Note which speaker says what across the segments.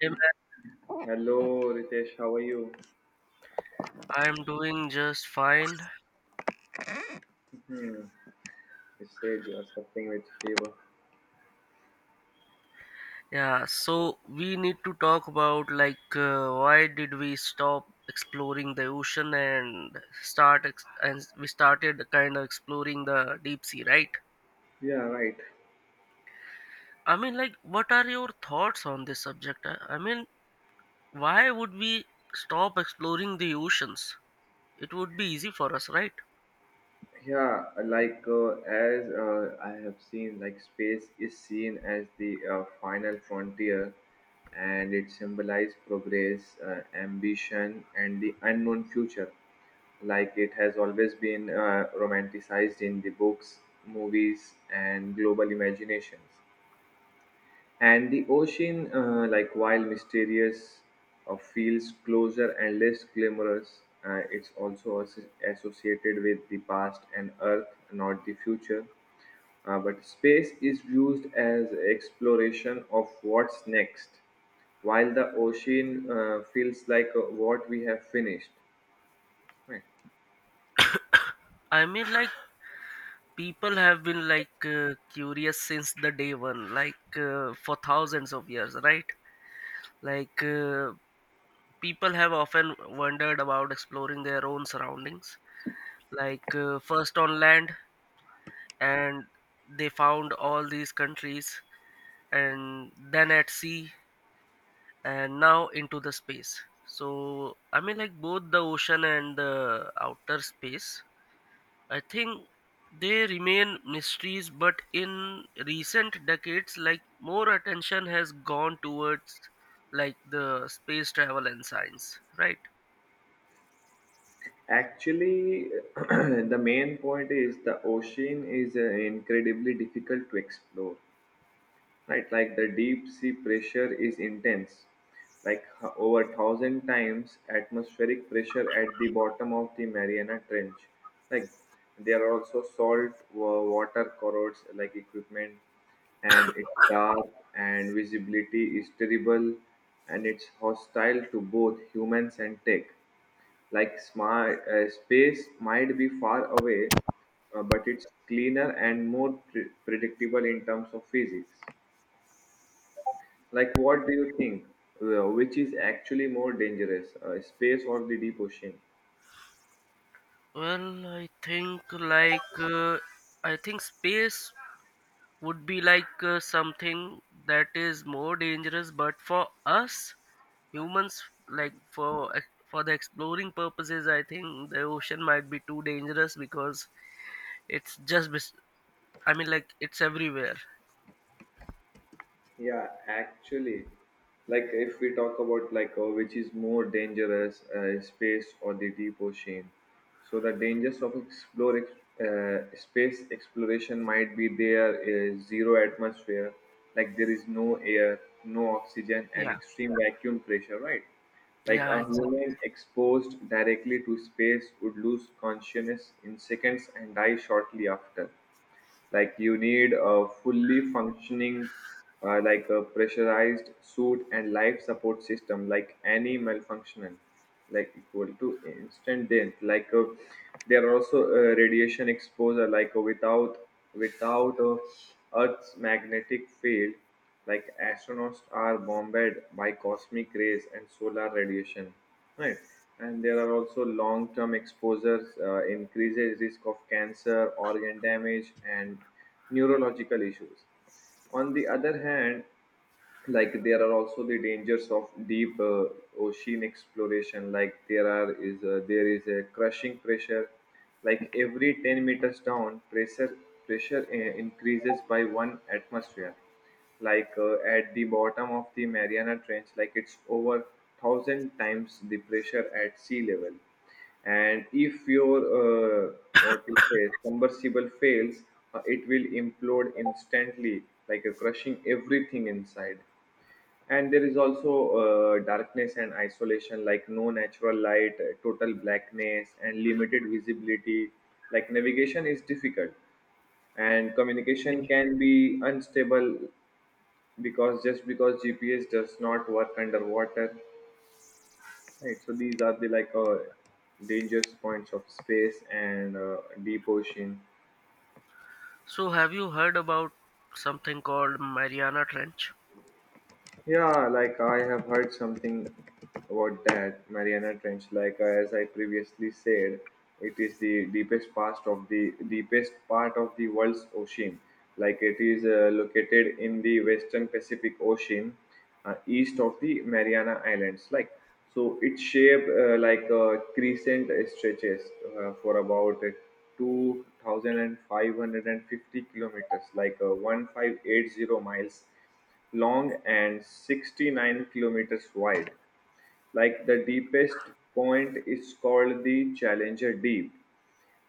Speaker 1: Hey man,
Speaker 2: Hello, Ritesh. How are you?
Speaker 1: I'm doing just fine.
Speaker 2: Hmm. You said you are suffering with fever.
Speaker 1: Yeah, so we need to talk about why did we stop exploring the ocean and we started kind of exploring the deep sea, right?
Speaker 2: Yeah, right.
Speaker 1: I mean, like, what are your thoughts on this subject? I mean, why would we stop exploring the oceans? It would be easy for us, right?
Speaker 2: Yeah, like as I have seen, like space is seen as the final frontier, and it symbolizes progress, ambition, and the unknown future. Like it has always been romanticized in the books, movies, and global imaginations. And the ocean like while mysterious, feels closer and less glamorous. It's also associated with the past and earth, not the future. But space is used as exploration of what's next, while the ocean feels like what we have finished. Right.
Speaker 1: I mean, like, people have been curious since the day one, for thousands of years, right? Like uh, People have often wondered about exploring their own surroundings. First on land, and they found all these countries, and then at sea, and now into the space. So I mean, like both the ocean and the outer space. I think they remain mysteries, but in recent decades, like more attention has gone towards like the space travel and science, right?
Speaker 2: Actually, the main point is the ocean is incredibly difficult to explore. Right, like the deep sea pressure is intense, like over 1000 times atmospheric pressure at the bottom of the Mariana Trench. Like there are also water corrodes like equipment, and it's dark, and visibility is terrible, and it's hostile to both humans and tech. Like smart, space might be far away, but it's cleaner and more predictable in terms of physics. Like, what do you think? Which is actually more dangerous, space or the deep ocean?
Speaker 1: Well, I think I think space would be something that is more dangerous, but for us humans, like for the exploring purposes, I think the ocean might be too dangerous because it's just bes- I mean like it's everywhere.
Speaker 2: Yeah, actually, like if we talk about like which is more dangerous, space or the deep ocean. So the dangers of space exploration might be there is zero atmosphere, like there is no air, no oxygen, and
Speaker 1: Yeah,
Speaker 2: extreme vacuum pressure, right? Like
Speaker 1: yeah,
Speaker 2: a
Speaker 1: exactly.
Speaker 2: human exposed directly to space would lose consciousness in seconds and die shortly after. Like you need a fully functioning, like a pressurized suit and life support system. Like any malfunction like equal to instant death. Like there are also radiation exposure. Like without earth's magnetic field, like astronauts are bombarded by cosmic rays and solar radiation. Right. And there are also long term exposures, increases risk of cancer, organ damage, and neurological issues. On the other hand, like there are also the dangers of deep ocean exploration. Like there is a crushing pressure. Like every 10 meters down pressure increases by one atmosphere. Like at the bottom of the Mariana Trench, like it's over thousand times the pressure at sea level. And if your uh, what you say submersible fails, it will implode instantly, like crushing everything inside. And there is also darkness and isolation, like no natural light, total blackness, and limited visibility. Like navigation is difficult and communication can be unstable, because just because GPS does not work underwater, right? So these are the like dangerous points of space and deep ocean.
Speaker 1: So have you heard about something called Mariana Trench?
Speaker 2: Yeah, like I have heard something about that Mariana Trench. Like as I previously said, it is the deepest part of the world's ocean. Like it is located in the Western Pacific Ocean, east of the Mariana Islands. Like so, its shape like a crescent stretches for about 2,550 kilometers, like one thousand five eight zero miles long and 69 kilometers wide. Like the deepest point is called the Challenger Deep,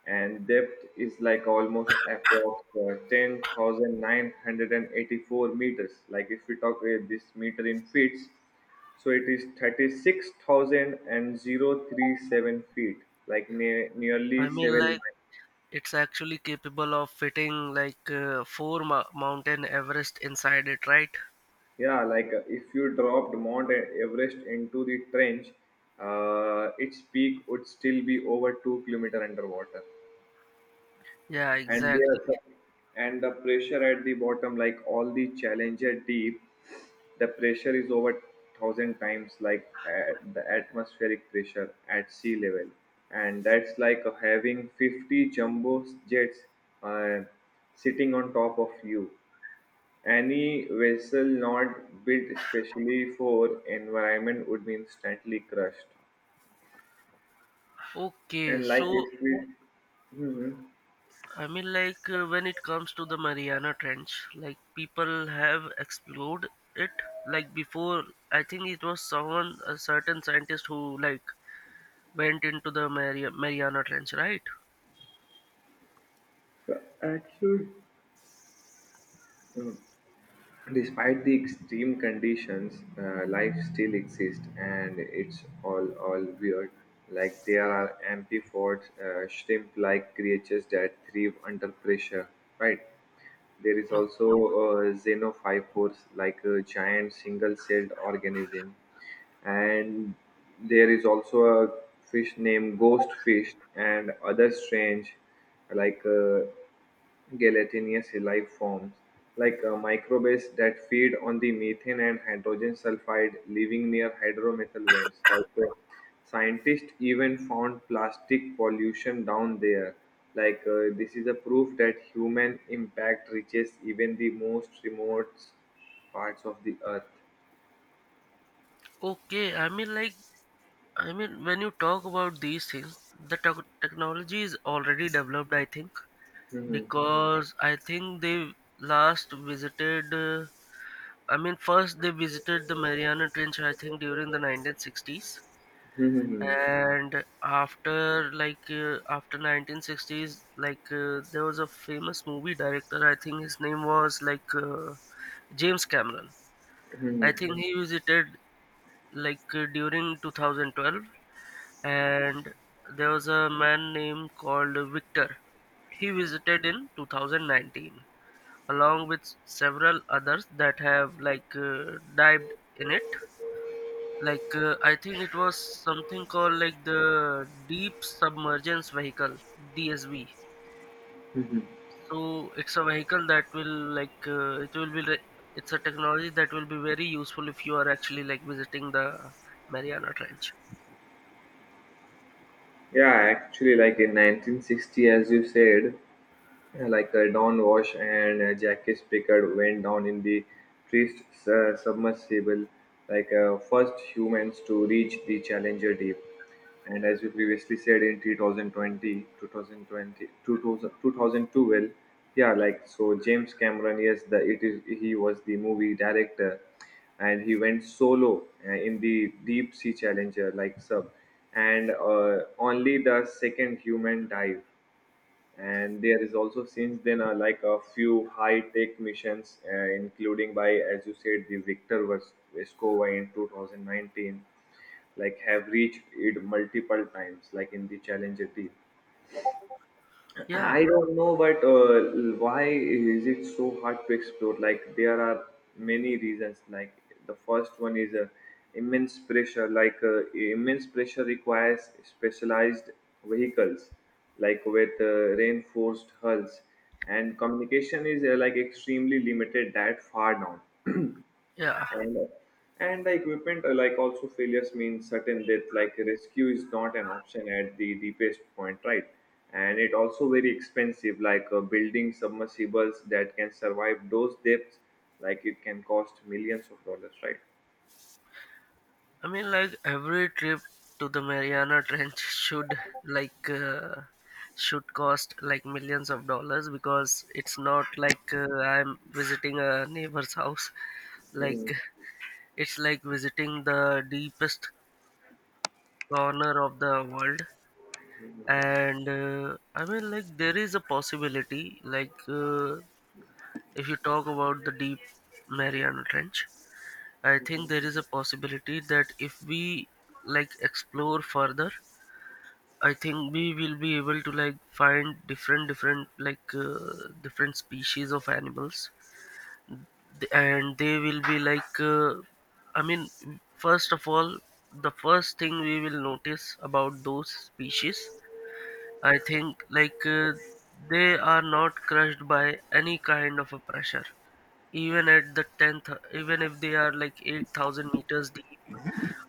Speaker 2: and depth is like almost approx, 10,984 meters. Like if we talk this meter in feet, so it is thirty-six thousand and zero three seven feet, like
Speaker 1: I
Speaker 2: nearly
Speaker 1: mean
Speaker 2: 7.
Speaker 1: like it's actually capable of fitting four mo mountain Everest inside it, right?
Speaker 2: Yeah, like if you dropped Everest into the trench, its peak would still be over 2 kilometer underwater,
Speaker 1: Yeah,
Speaker 2: and
Speaker 1: exactly.
Speaker 2: there, and the pressure at the bottom, like all the Challenger deep, the pressure is over thousand times like at the atmospheric pressure at sea level, and that's like having 50 jumbo jets uh, sitting on top of you. Any vessel not built specially for environment would be instantly crushed.
Speaker 1: Okay,
Speaker 2: And like
Speaker 1: so
Speaker 2: if we, Mhm.
Speaker 1: I mean, when it comes to the Mariana Trench, like people have explored it. Like before, I think it was someone, a certain scientist who like went into the Mariana Trench, right?
Speaker 2: the action, Despite the extreme conditions, life still exists, and it's all weird. Like there are amphipods, shrimp-like creatures that thrive under pressure, right? There is
Speaker 1: O-
Speaker 2: also xenophyophores, like a giant single-celled organism, and there is also a fish named ghost fish and other strange, like. Gelatinous life forms, like microbes that feed on the methane and hydrogen sulfide living near hydromethyl vents. Like, scientists even found plastic pollution down there. Like this is a proof that human impact reaches even the most remote parts of the earth.
Speaker 1: Okay, I mean, when you talk about these things, the technology is already developed, I think.
Speaker 2: Mhm.
Speaker 1: Because I think they last visited, I mean, first they visited the Mariana Trench, I think, during the 1960s.
Speaker 2: Mhm. Mhm.
Speaker 1: And after, like, after 1960s, like, there was a famous movie director, I think his name was, like, James Cameron. I
Speaker 2: Mhm.
Speaker 1: think he visited, like, during 2012. And there was a man named called Victor. He visited in 2019 along with several others that have dived in it. I think it was something called like the deep submergence vehicle, DSV.
Speaker 2: Mhm.
Speaker 1: So it's a vehicle that will it's a technology that will be very useful if you are actually like visiting the Mariana Trench.
Speaker 2: Yeah, actually, like in 1960, as you said, Don Wash and Jackie Spicard went down in the first submersible, like first humans to reach the Challenger Deep. And as we previously said, in 2020, yeah, like so James Cameron, yes, the it is he was the movie director, and he went solo in the Deep Sea Challenger, like sub, and only the second human dive. And there is also since then, like a few high tech missions, including, by as you said, the Victor Vescova in 2019, like have reached it multiple times like in the challenger team.
Speaker 1: Yeah,
Speaker 2: I don't know, but why is it so hard to explore? Like there are many reasons. Like the first one is immense pressure. Like immense pressure requires specialized vehicles, like with reinforced hulls, and communication is like extremely limited that far down.
Speaker 1: yeah.
Speaker 2: And and the equipment, like also failures mean certain death. Like rescue is not an option at the deepest point, right? And it also very expensive, like building submersibles that can survive those depths, like it can cost millions of dollars, right?
Speaker 1: I mean, like every trip to the Mariana Trench should like uh, should cost like millions of dollars because it's not I'm visiting a neighbor's house. Like it's like visiting the deepest corner of the world. And I mean, like there is a possibility. If you talk about the deep Mariana Trench, I think there is a possibility that if we like explore further, I think we will be able to like find different species of animals. And they will be I mean, first of all, the first thing we will notice about those species, I think they are not crushed by any kind of a pressure, even at the 10th, even if they are like 8,000 meters deep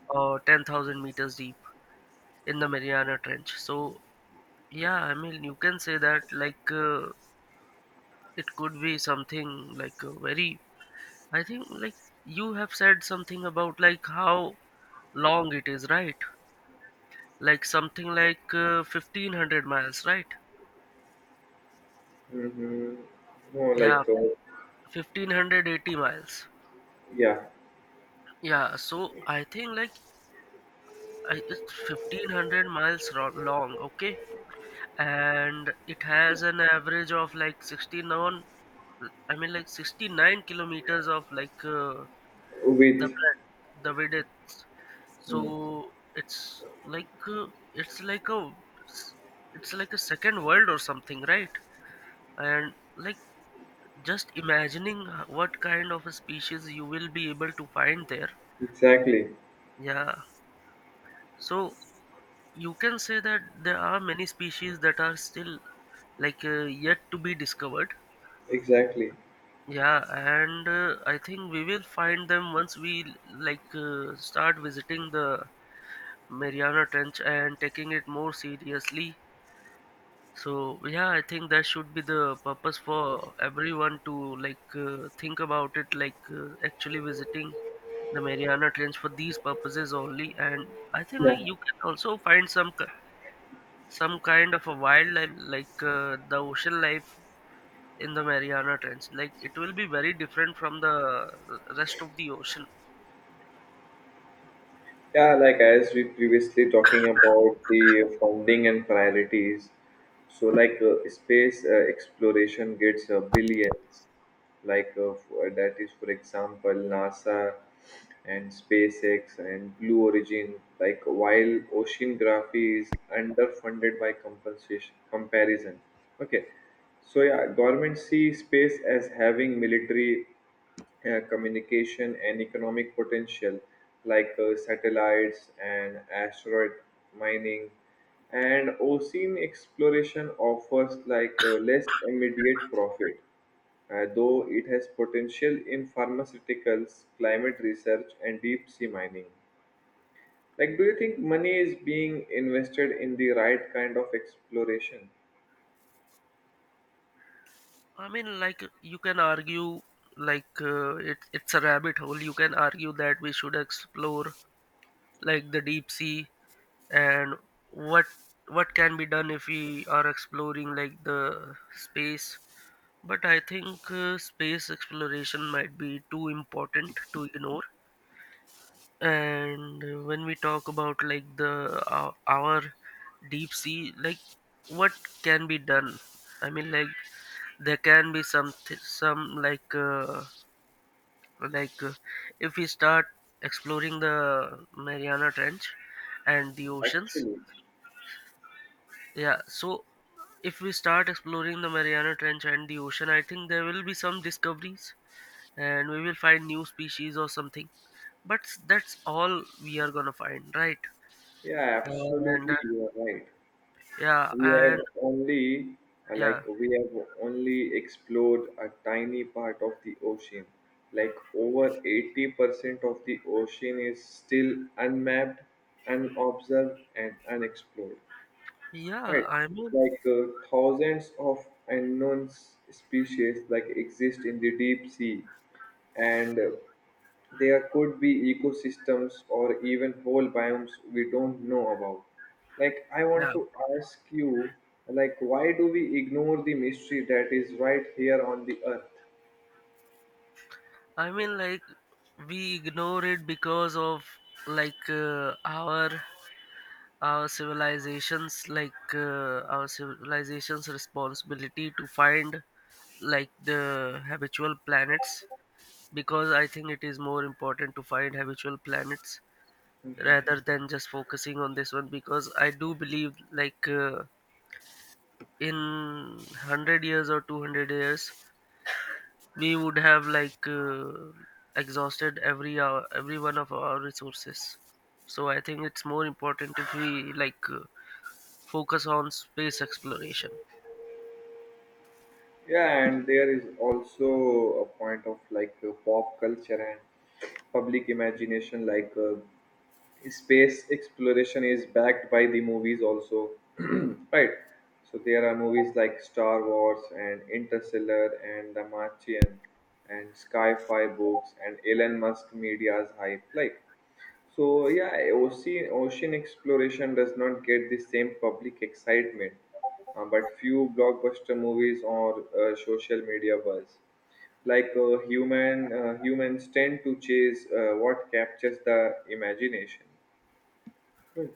Speaker 1: or 10,000 meters deep in the Mariana Trench. So yeah, I mean, you can say that it could be something like very. I think like you have said something about like how long it is, right? Like something 1500 miles, right?
Speaker 2: Mm-hmm. no
Speaker 1: Yeah,
Speaker 2: like
Speaker 1: 1580 miles.
Speaker 2: Yeah.
Speaker 1: Yeah, so I think like it's 1500 miles long, okay? And it has an average of like 69, I mean, like 69 kilometers of the
Speaker 2: With.
Speaker 1: bread the vedets.
Speaker 2: Mm.
Speaker 1: So uh, it's like a, it's like a second world or something, right? And like, just imagining what kind of a species you will be able to find there.
Speaker 2: Exactly.
Speaker 1: Yeah, so you can say that there are many species that are still yet to be discovered.
Speaker 2: Exactly.
Speaker 1: Yeah, and I think we will find them once we start visiting the Mariana Trench and taking it more seriously. So yeah, I think that should be the purpose for everyone to think about it, actually visiting the Mariana Trench for these purposes only. And I think
Speaker 2: Yeah.
Speaker 1: like you can also find some kind of a wildlife, the ocean life in the Mariana Trench. Like it will be very different from the rest of the ocean.
Speaker 2: Yeah, like as we previously talking about the founding and priorities. So like space exploration gets billions, like that is, for example, NASA and SpaceX and Blue Origin, like while oceanography is underfunded by compensation comparison. Okay. So yeah, government see space as having military, communication and economic potential, like satellites and asteroid mining. And ocean exploration offers like less immediate profit, though it has potential in pharmaceuticals, climate research, and deep sea mining. Like, do you think money is being invested in the right kind of exploration?
Speaker 1: I mean, like you can argue, it's a rabbit hole. You can argue that we should explore like the deep sea and what what can be done if we are exploring like the space. But I think space exploration might be too important to ignore. And when we talk about like our deep sea, like what can be done? I mean, like there can be some th- some like. Like if we start exploring the Mariana Trench and the oceans,
Speaker 2: Actually,
Speaker 1: yeah, so if we start exploring the Mariana Trench and the ocean, I think there will be some discoveries and we will find new species or something. That's all we are gonna find, right?
Speaker 2: yeah,
Speaker 1: And
Speaker 2: absolutely, you are right.
Speaker 1: yeah.
Speaker 2: We
Speaker 1: And
Speaker 2: have only,
Speaker 1: yeah,
Speaker 2: we have only explored a tiny part of the ocean. Like, over 80% of the ocean is still unmapped, unobserved, and unexplored.
Speaker 1: yeah,
Speaker 2: Right.
Speaker 1: I mean,
Speaker 2: Like thousands of unknown species like exist in the deep sea, and there could be ecosystems or even whole biomes we don't know about. Like I
Speaker 1: yeah,
Speaker 2: want to ask you, like why do we ignore the mystery that is right here on the earth?
Speaker 1: I mean, like we ignore it because of like uh, our our civilizations like our civilization's responsibility to find like the habitual planets, because I think it is more important to find habitual planets
Speaker 2: Mhm.
Speaker 1: rather than just focusing on this one, because I do believe in 100 years or 200 years we would have exhausted every hour, every one of our resources. So I think it's more important if we focus on space exploration.
Speaker 2: Yeah, and there is also a point of like pop culture and public imagination. Like space exploration is backed by the movies also, right? So there are movies like Star Wars and Interstellar and The Martian, and sci-fi books and Elon Musk media's hype. Like so yeah, ocean exploration does not get the same public excitement, but few blockbuster movies or social media buzz. Like humans tend to chase what captures the imagination. Right.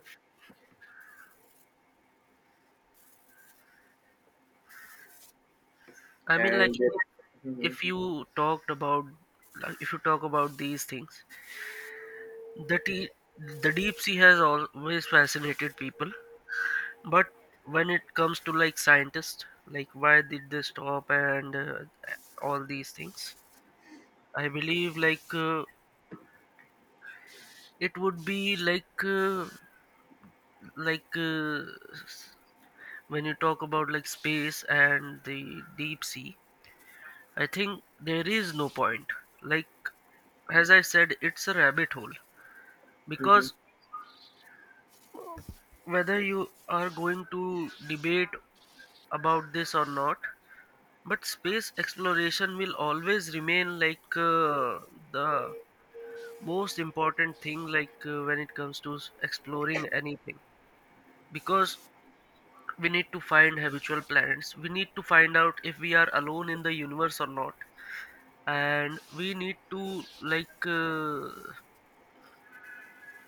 Speaker 1: I mean, like
Speaker 2: And.
Speaker 1: if
Speaker 2: Mhm.
Speaker 1: if you talked about, like, if you talk about these things, the tea, the deep sea has always fascinated people. But when it comes to like scientists, like why did they stop and all these things, I believe it would be like uh, s- when you talk about like space and the deep sea. I think there is no point. Like, as I said, it's a rabbit hole,
Speaker 2: Hmm.
Speaker 1: because whether you are going to debate about this or not, but space exploration will always remain the most important thing, when it comes to exploring anything, because we need to find habitual planets, we need to find out if we are alone in the universe or not, and we need to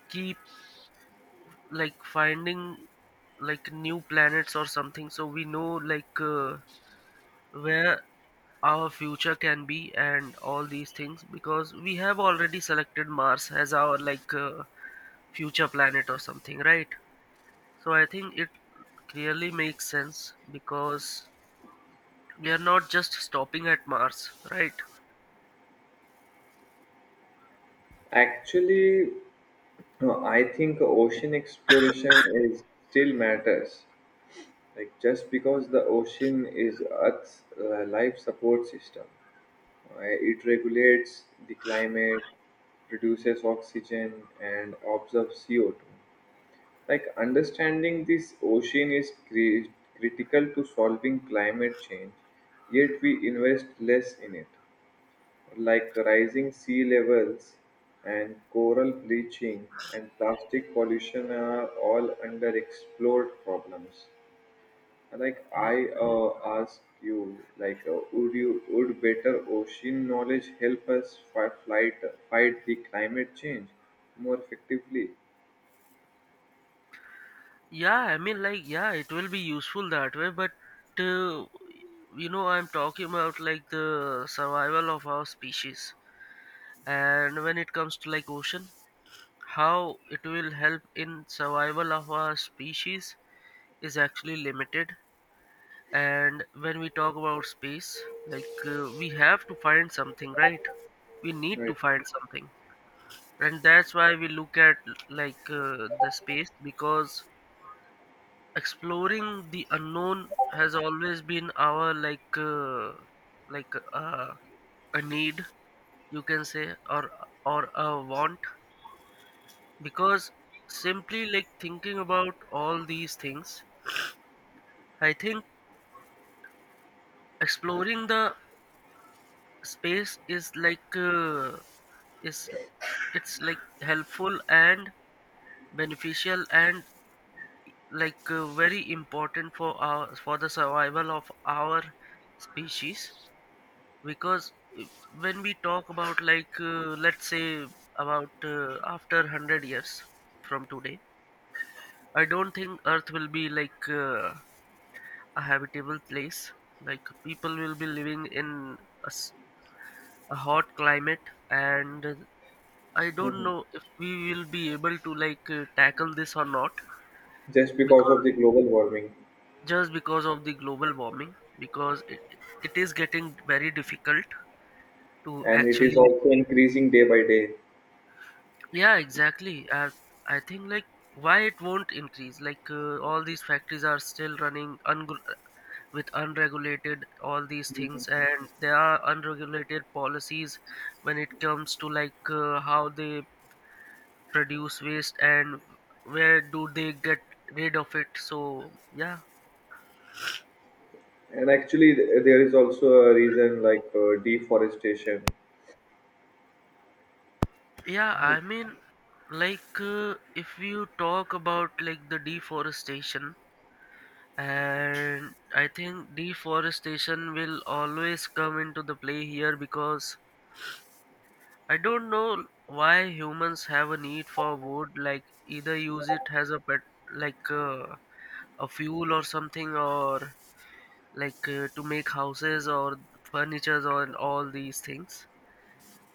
Speaker 1: keep like finding like new planets or something, so we know where our future can be, and all these things, because we have already selected Mars as our future planet or something, right? So I think it clearly makes sense, because we are not just stopping at Mars, right?
Speaker 2: Actually, I think ocean exploration is still matters. Like just because the ocean is Earth's life support system. It regulates the climate, produces oxygen, and absorbs CO2. Like understanding this ocean is critical to solving climate change, yet we invest less in it. Like rising sea levels and coral bleaching and plastic pollution are all underexplored problems. Like I, ask you, like would better ocean knowledge help us fight the climate change more effectively?
Speaker 1: Yeah, I mean, like, yeah, it will be useful that way, but uh, you know, I'm talking about like the survival of our species. And when it comes to like ocean, how it will help in survival of our species is actually limited. And when we talk about space, we have to find something, right? We need to
Speaker 2: Right.
Speaker 1: find something, and that's why we look at the space, because exploring the unknown has always been our like uh, a need, you can say, or a want, because simply like thinking about all these things, I think exploring the space is is it's like helpful and beneficial and very important for our for the survival of our species. Because when we talk about let's say about after 100 years from today, I don't think earth will be a habitable place. Like people will be living in a, s- a hot climate, and I don't
Speaker 2: Mhm.
Speaker 1: know if we will be able to tackle this or not,
Speaker 2: Just because of
Speaker 1: because
Speaker 2: the global warming,
Speaker 1: just because of the global warming, because it is getting very difficult to
Speaker 2: and it is
Speaker 1: actually.
Speaker 2: also increasing day by day.
Speaker 1: Yeah, exactly. I think like why it won't increase? All these factories are still with unregulated all these things, and there are unregulated policies when it comes to how they produce waste and where do they get rid of it. So yeah,
Speaker 2: And actually, there is also a reason like deforestation.
Speaker 1: yeah.
Speaker 2: Mhm.
Speaker 1: I mean, if you talk about like the deforestation. And I think deforestation will always come into the play here, because I don't know why humans have a need for wood. Like either use it as a pet, like uh, a fuel or something, or to make houses or furnitures or all these things.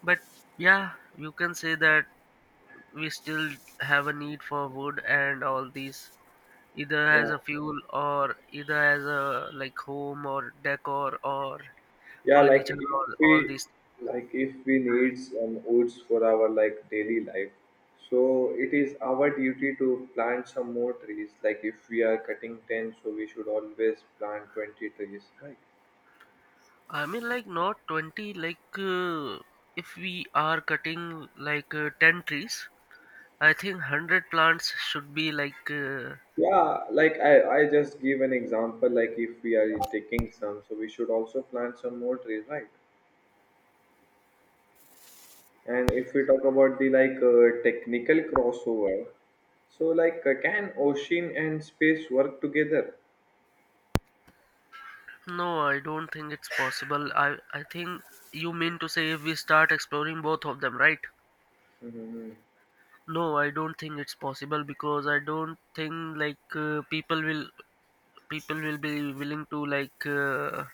Speaker 1: But yeah, you can say that we still have a need for wood and all these, either as
Speaker 2: Yeah.
Speaker 1: a fuel or either as a like home or decor or
Speaker 2: Yeah, like
Speaker 1: furniture
Speaker 2: if
Speaker 1: or
Speaker 2: we,
Speaker 1: all these
Speaker 2: like if we needs woods for our like daily life, so it is our duty to plant some more trees. Like if we are cutting 10, so we should always plant 20 trees, right?
Speaker 1: i mean like not 20, if we are cutting 10 trees, I think 100 plants should be
Speaker 2: Yeah, like I just give an example: like if we are taking some, so we should also plant some more trees, right? And if we talk about the like technical crossover, so like can ocean and space work together?
Speaker 1: no, I don't think it's possible. I think you mean to say if we start exploring both of them, right?
Speaker 2: Mhm.
Speaker 1: No, I don't think it's possible, because I don't think people will, people will be willing to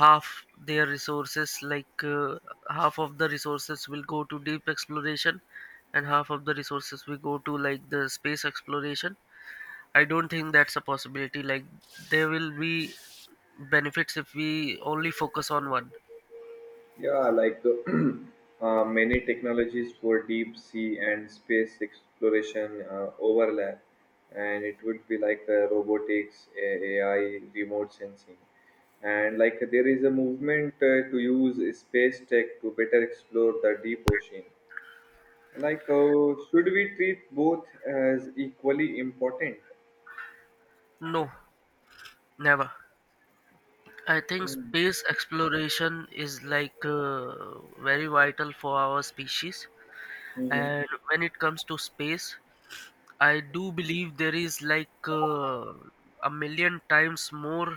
Speaker 1: half their resources, half of the resources will go to deep exploration and half of the resources will go to like the space exploration. I don't think that's a possibility. Like, there will be benefits if we only focus on one.
Speaker 2: Yeah, like many technologies for deep sea and space exploration overlap, and it would be like robotics, AI, remote sensing. And like there is a movement to use space tech to better explore the deep ocean. Like, should we treat both as equally important?
Speaker 1: No, never. I think space exploration is very vital for our species.
Speaker 2: Mm-hmm.
Speaker 1: And when it comes to space, I do believe there is a million times more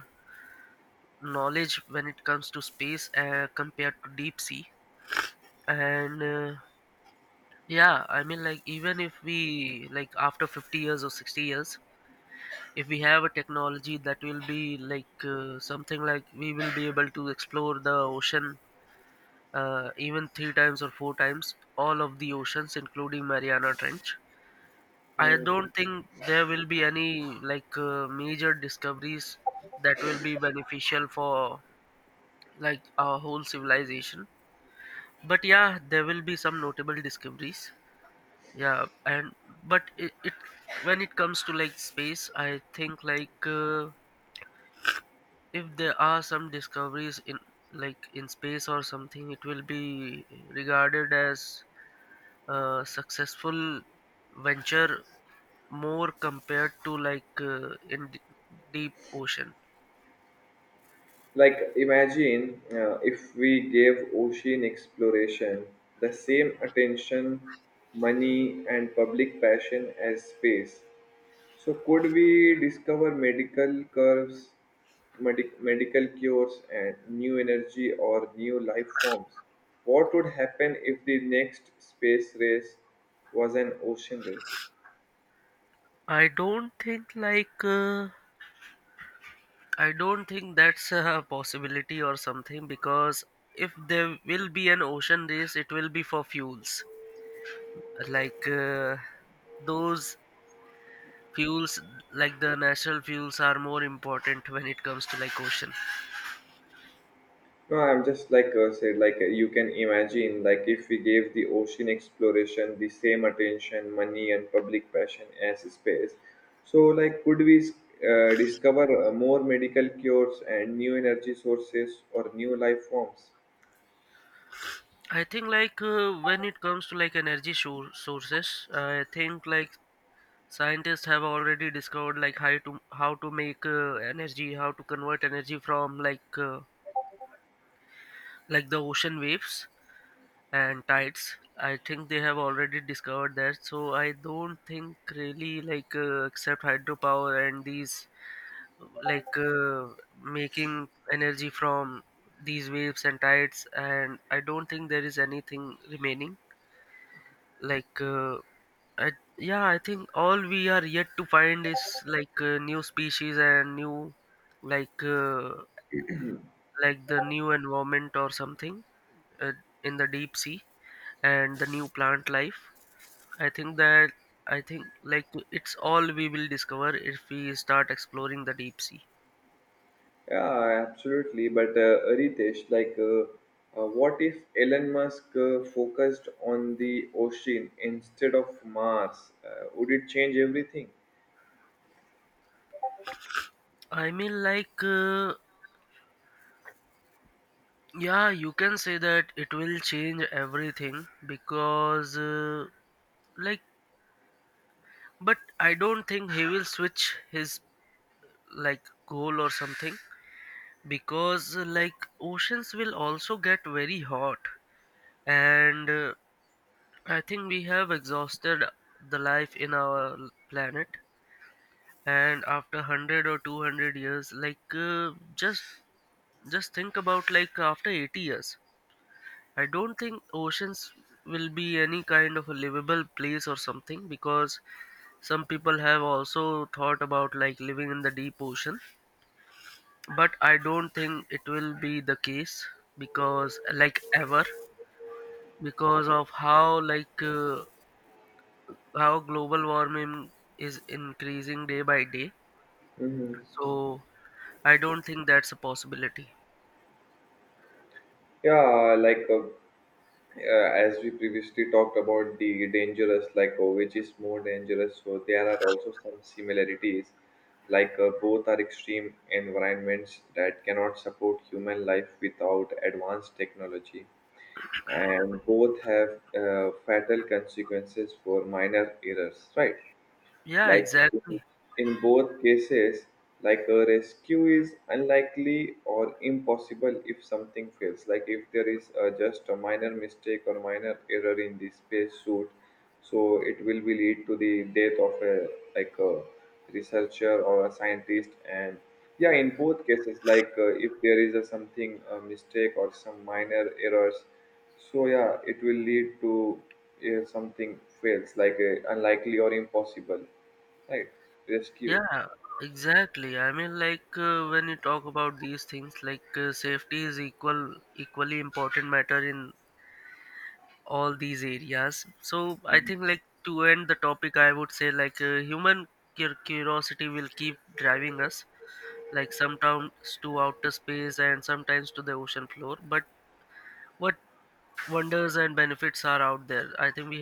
Speaker 1: knowledge when it comes to space, compared to deep sea. And yeah, I mean, like, even if we like after 50 years or 60 years, if we have a technology that will be something like we will be able to explore the ocean, even three times or four times all of the oceans, including Mariana Trench, I don't think there will be any major discoveries that will be beneficial for like our whole civilization. But yeah, there will be some notable discoveries. Yeah. And but it when it comes to like space, I think if there are some discoveries in like in space or something, it will be regarded as a successful venture more compared to like deep ocean.
Speaker 2: Like, imagine if we gave ocean exploration the same attention, money, and public passion as space. So, could we discover medical curves, medical cures, and new energy or new life forms? What would happen if the next space race was an ocean race?
Speaker 1: I don't think I don't think that's a possibility or something, because if there will be an ocean race, it will be for fuels. Like uh, those fuels, like the natural fuels, are more important when it comes to like ocean.
Speaker 2: No, I'm just like said, like you can imagine, like if we gave the ocean exploration the same attention, money, and public passion as space, so like could we, discover more medical cures and new energy sources or new life forms?
Speaker 1: I think when it comes to like energy sources, I think like scientists have already discovered like how to make energy, how to convert energy from like the ocean waves and tides. I think they have already discovered that, so I don't think really except hydropower and these, like uh, making energy from these waves and tides, and I don't think there is anything remaining, like uh, I, yeah, I think all we are yet to find is new species and new, like uh, like the new environment or something, uh, in the deep sea and the new plant life. I think that, I think like it's all we will discover if we start exploring the deep sea.
Speaker 2: Yeah, absolutely. But Ritesh, like, what if Elon Musk focused on the ocean instead of Mars? Would it change everything?
Speaker 1: I mean, yeah, you can say that it will change everything because, like, but I don't think he will switch his like goal or something, because, like, oceans will also get very hot, and I think we have exhausted the life in our planet. And after 100 or 200 years, just think about like after 80 years, I don't think oceans will be any kind of a livable place or something, because some people have also thought about like living in the deep ocean, but I don't think it will be the case, because like ever, because of how how global warming is increasing day by day.
Speaker 2: Hmm.
Speaker 1: So I don't think that's a possibility.
Speaker 2: Yeah, like. Uh, as we previously talked about the dangerous, like which is more dangerous, so there are also some similarities, like both are extreme environments that cannot support human life without advanced technology, and both have fatal consequences for minor errors, right?
Speaker 1: Yeah,
Speaker 2: Like
Speaker 1: exactly.
Speaker 2: in both cases, like a rescue is unlikely or impossible if something fails. Like if there is just a minor mistake or minor error in the space suit, so it will be lead to the death of a, like a researcher or a scientist. And yeah, in both cases, like if there is a, something a mistake or some minor errors, so yeah, it will lead to something fails like unlikely or impossible, right, rescue.
Speaker 1: Yeah, exactly. I mean, when you talk about these things, safety is equally important matter in all these areas. So I think like to end the topic, I would say human curiosity will keep driving us, like sometimes to outer space and sometimes to the ocean floor. But what wonders and benefits are out there? I think we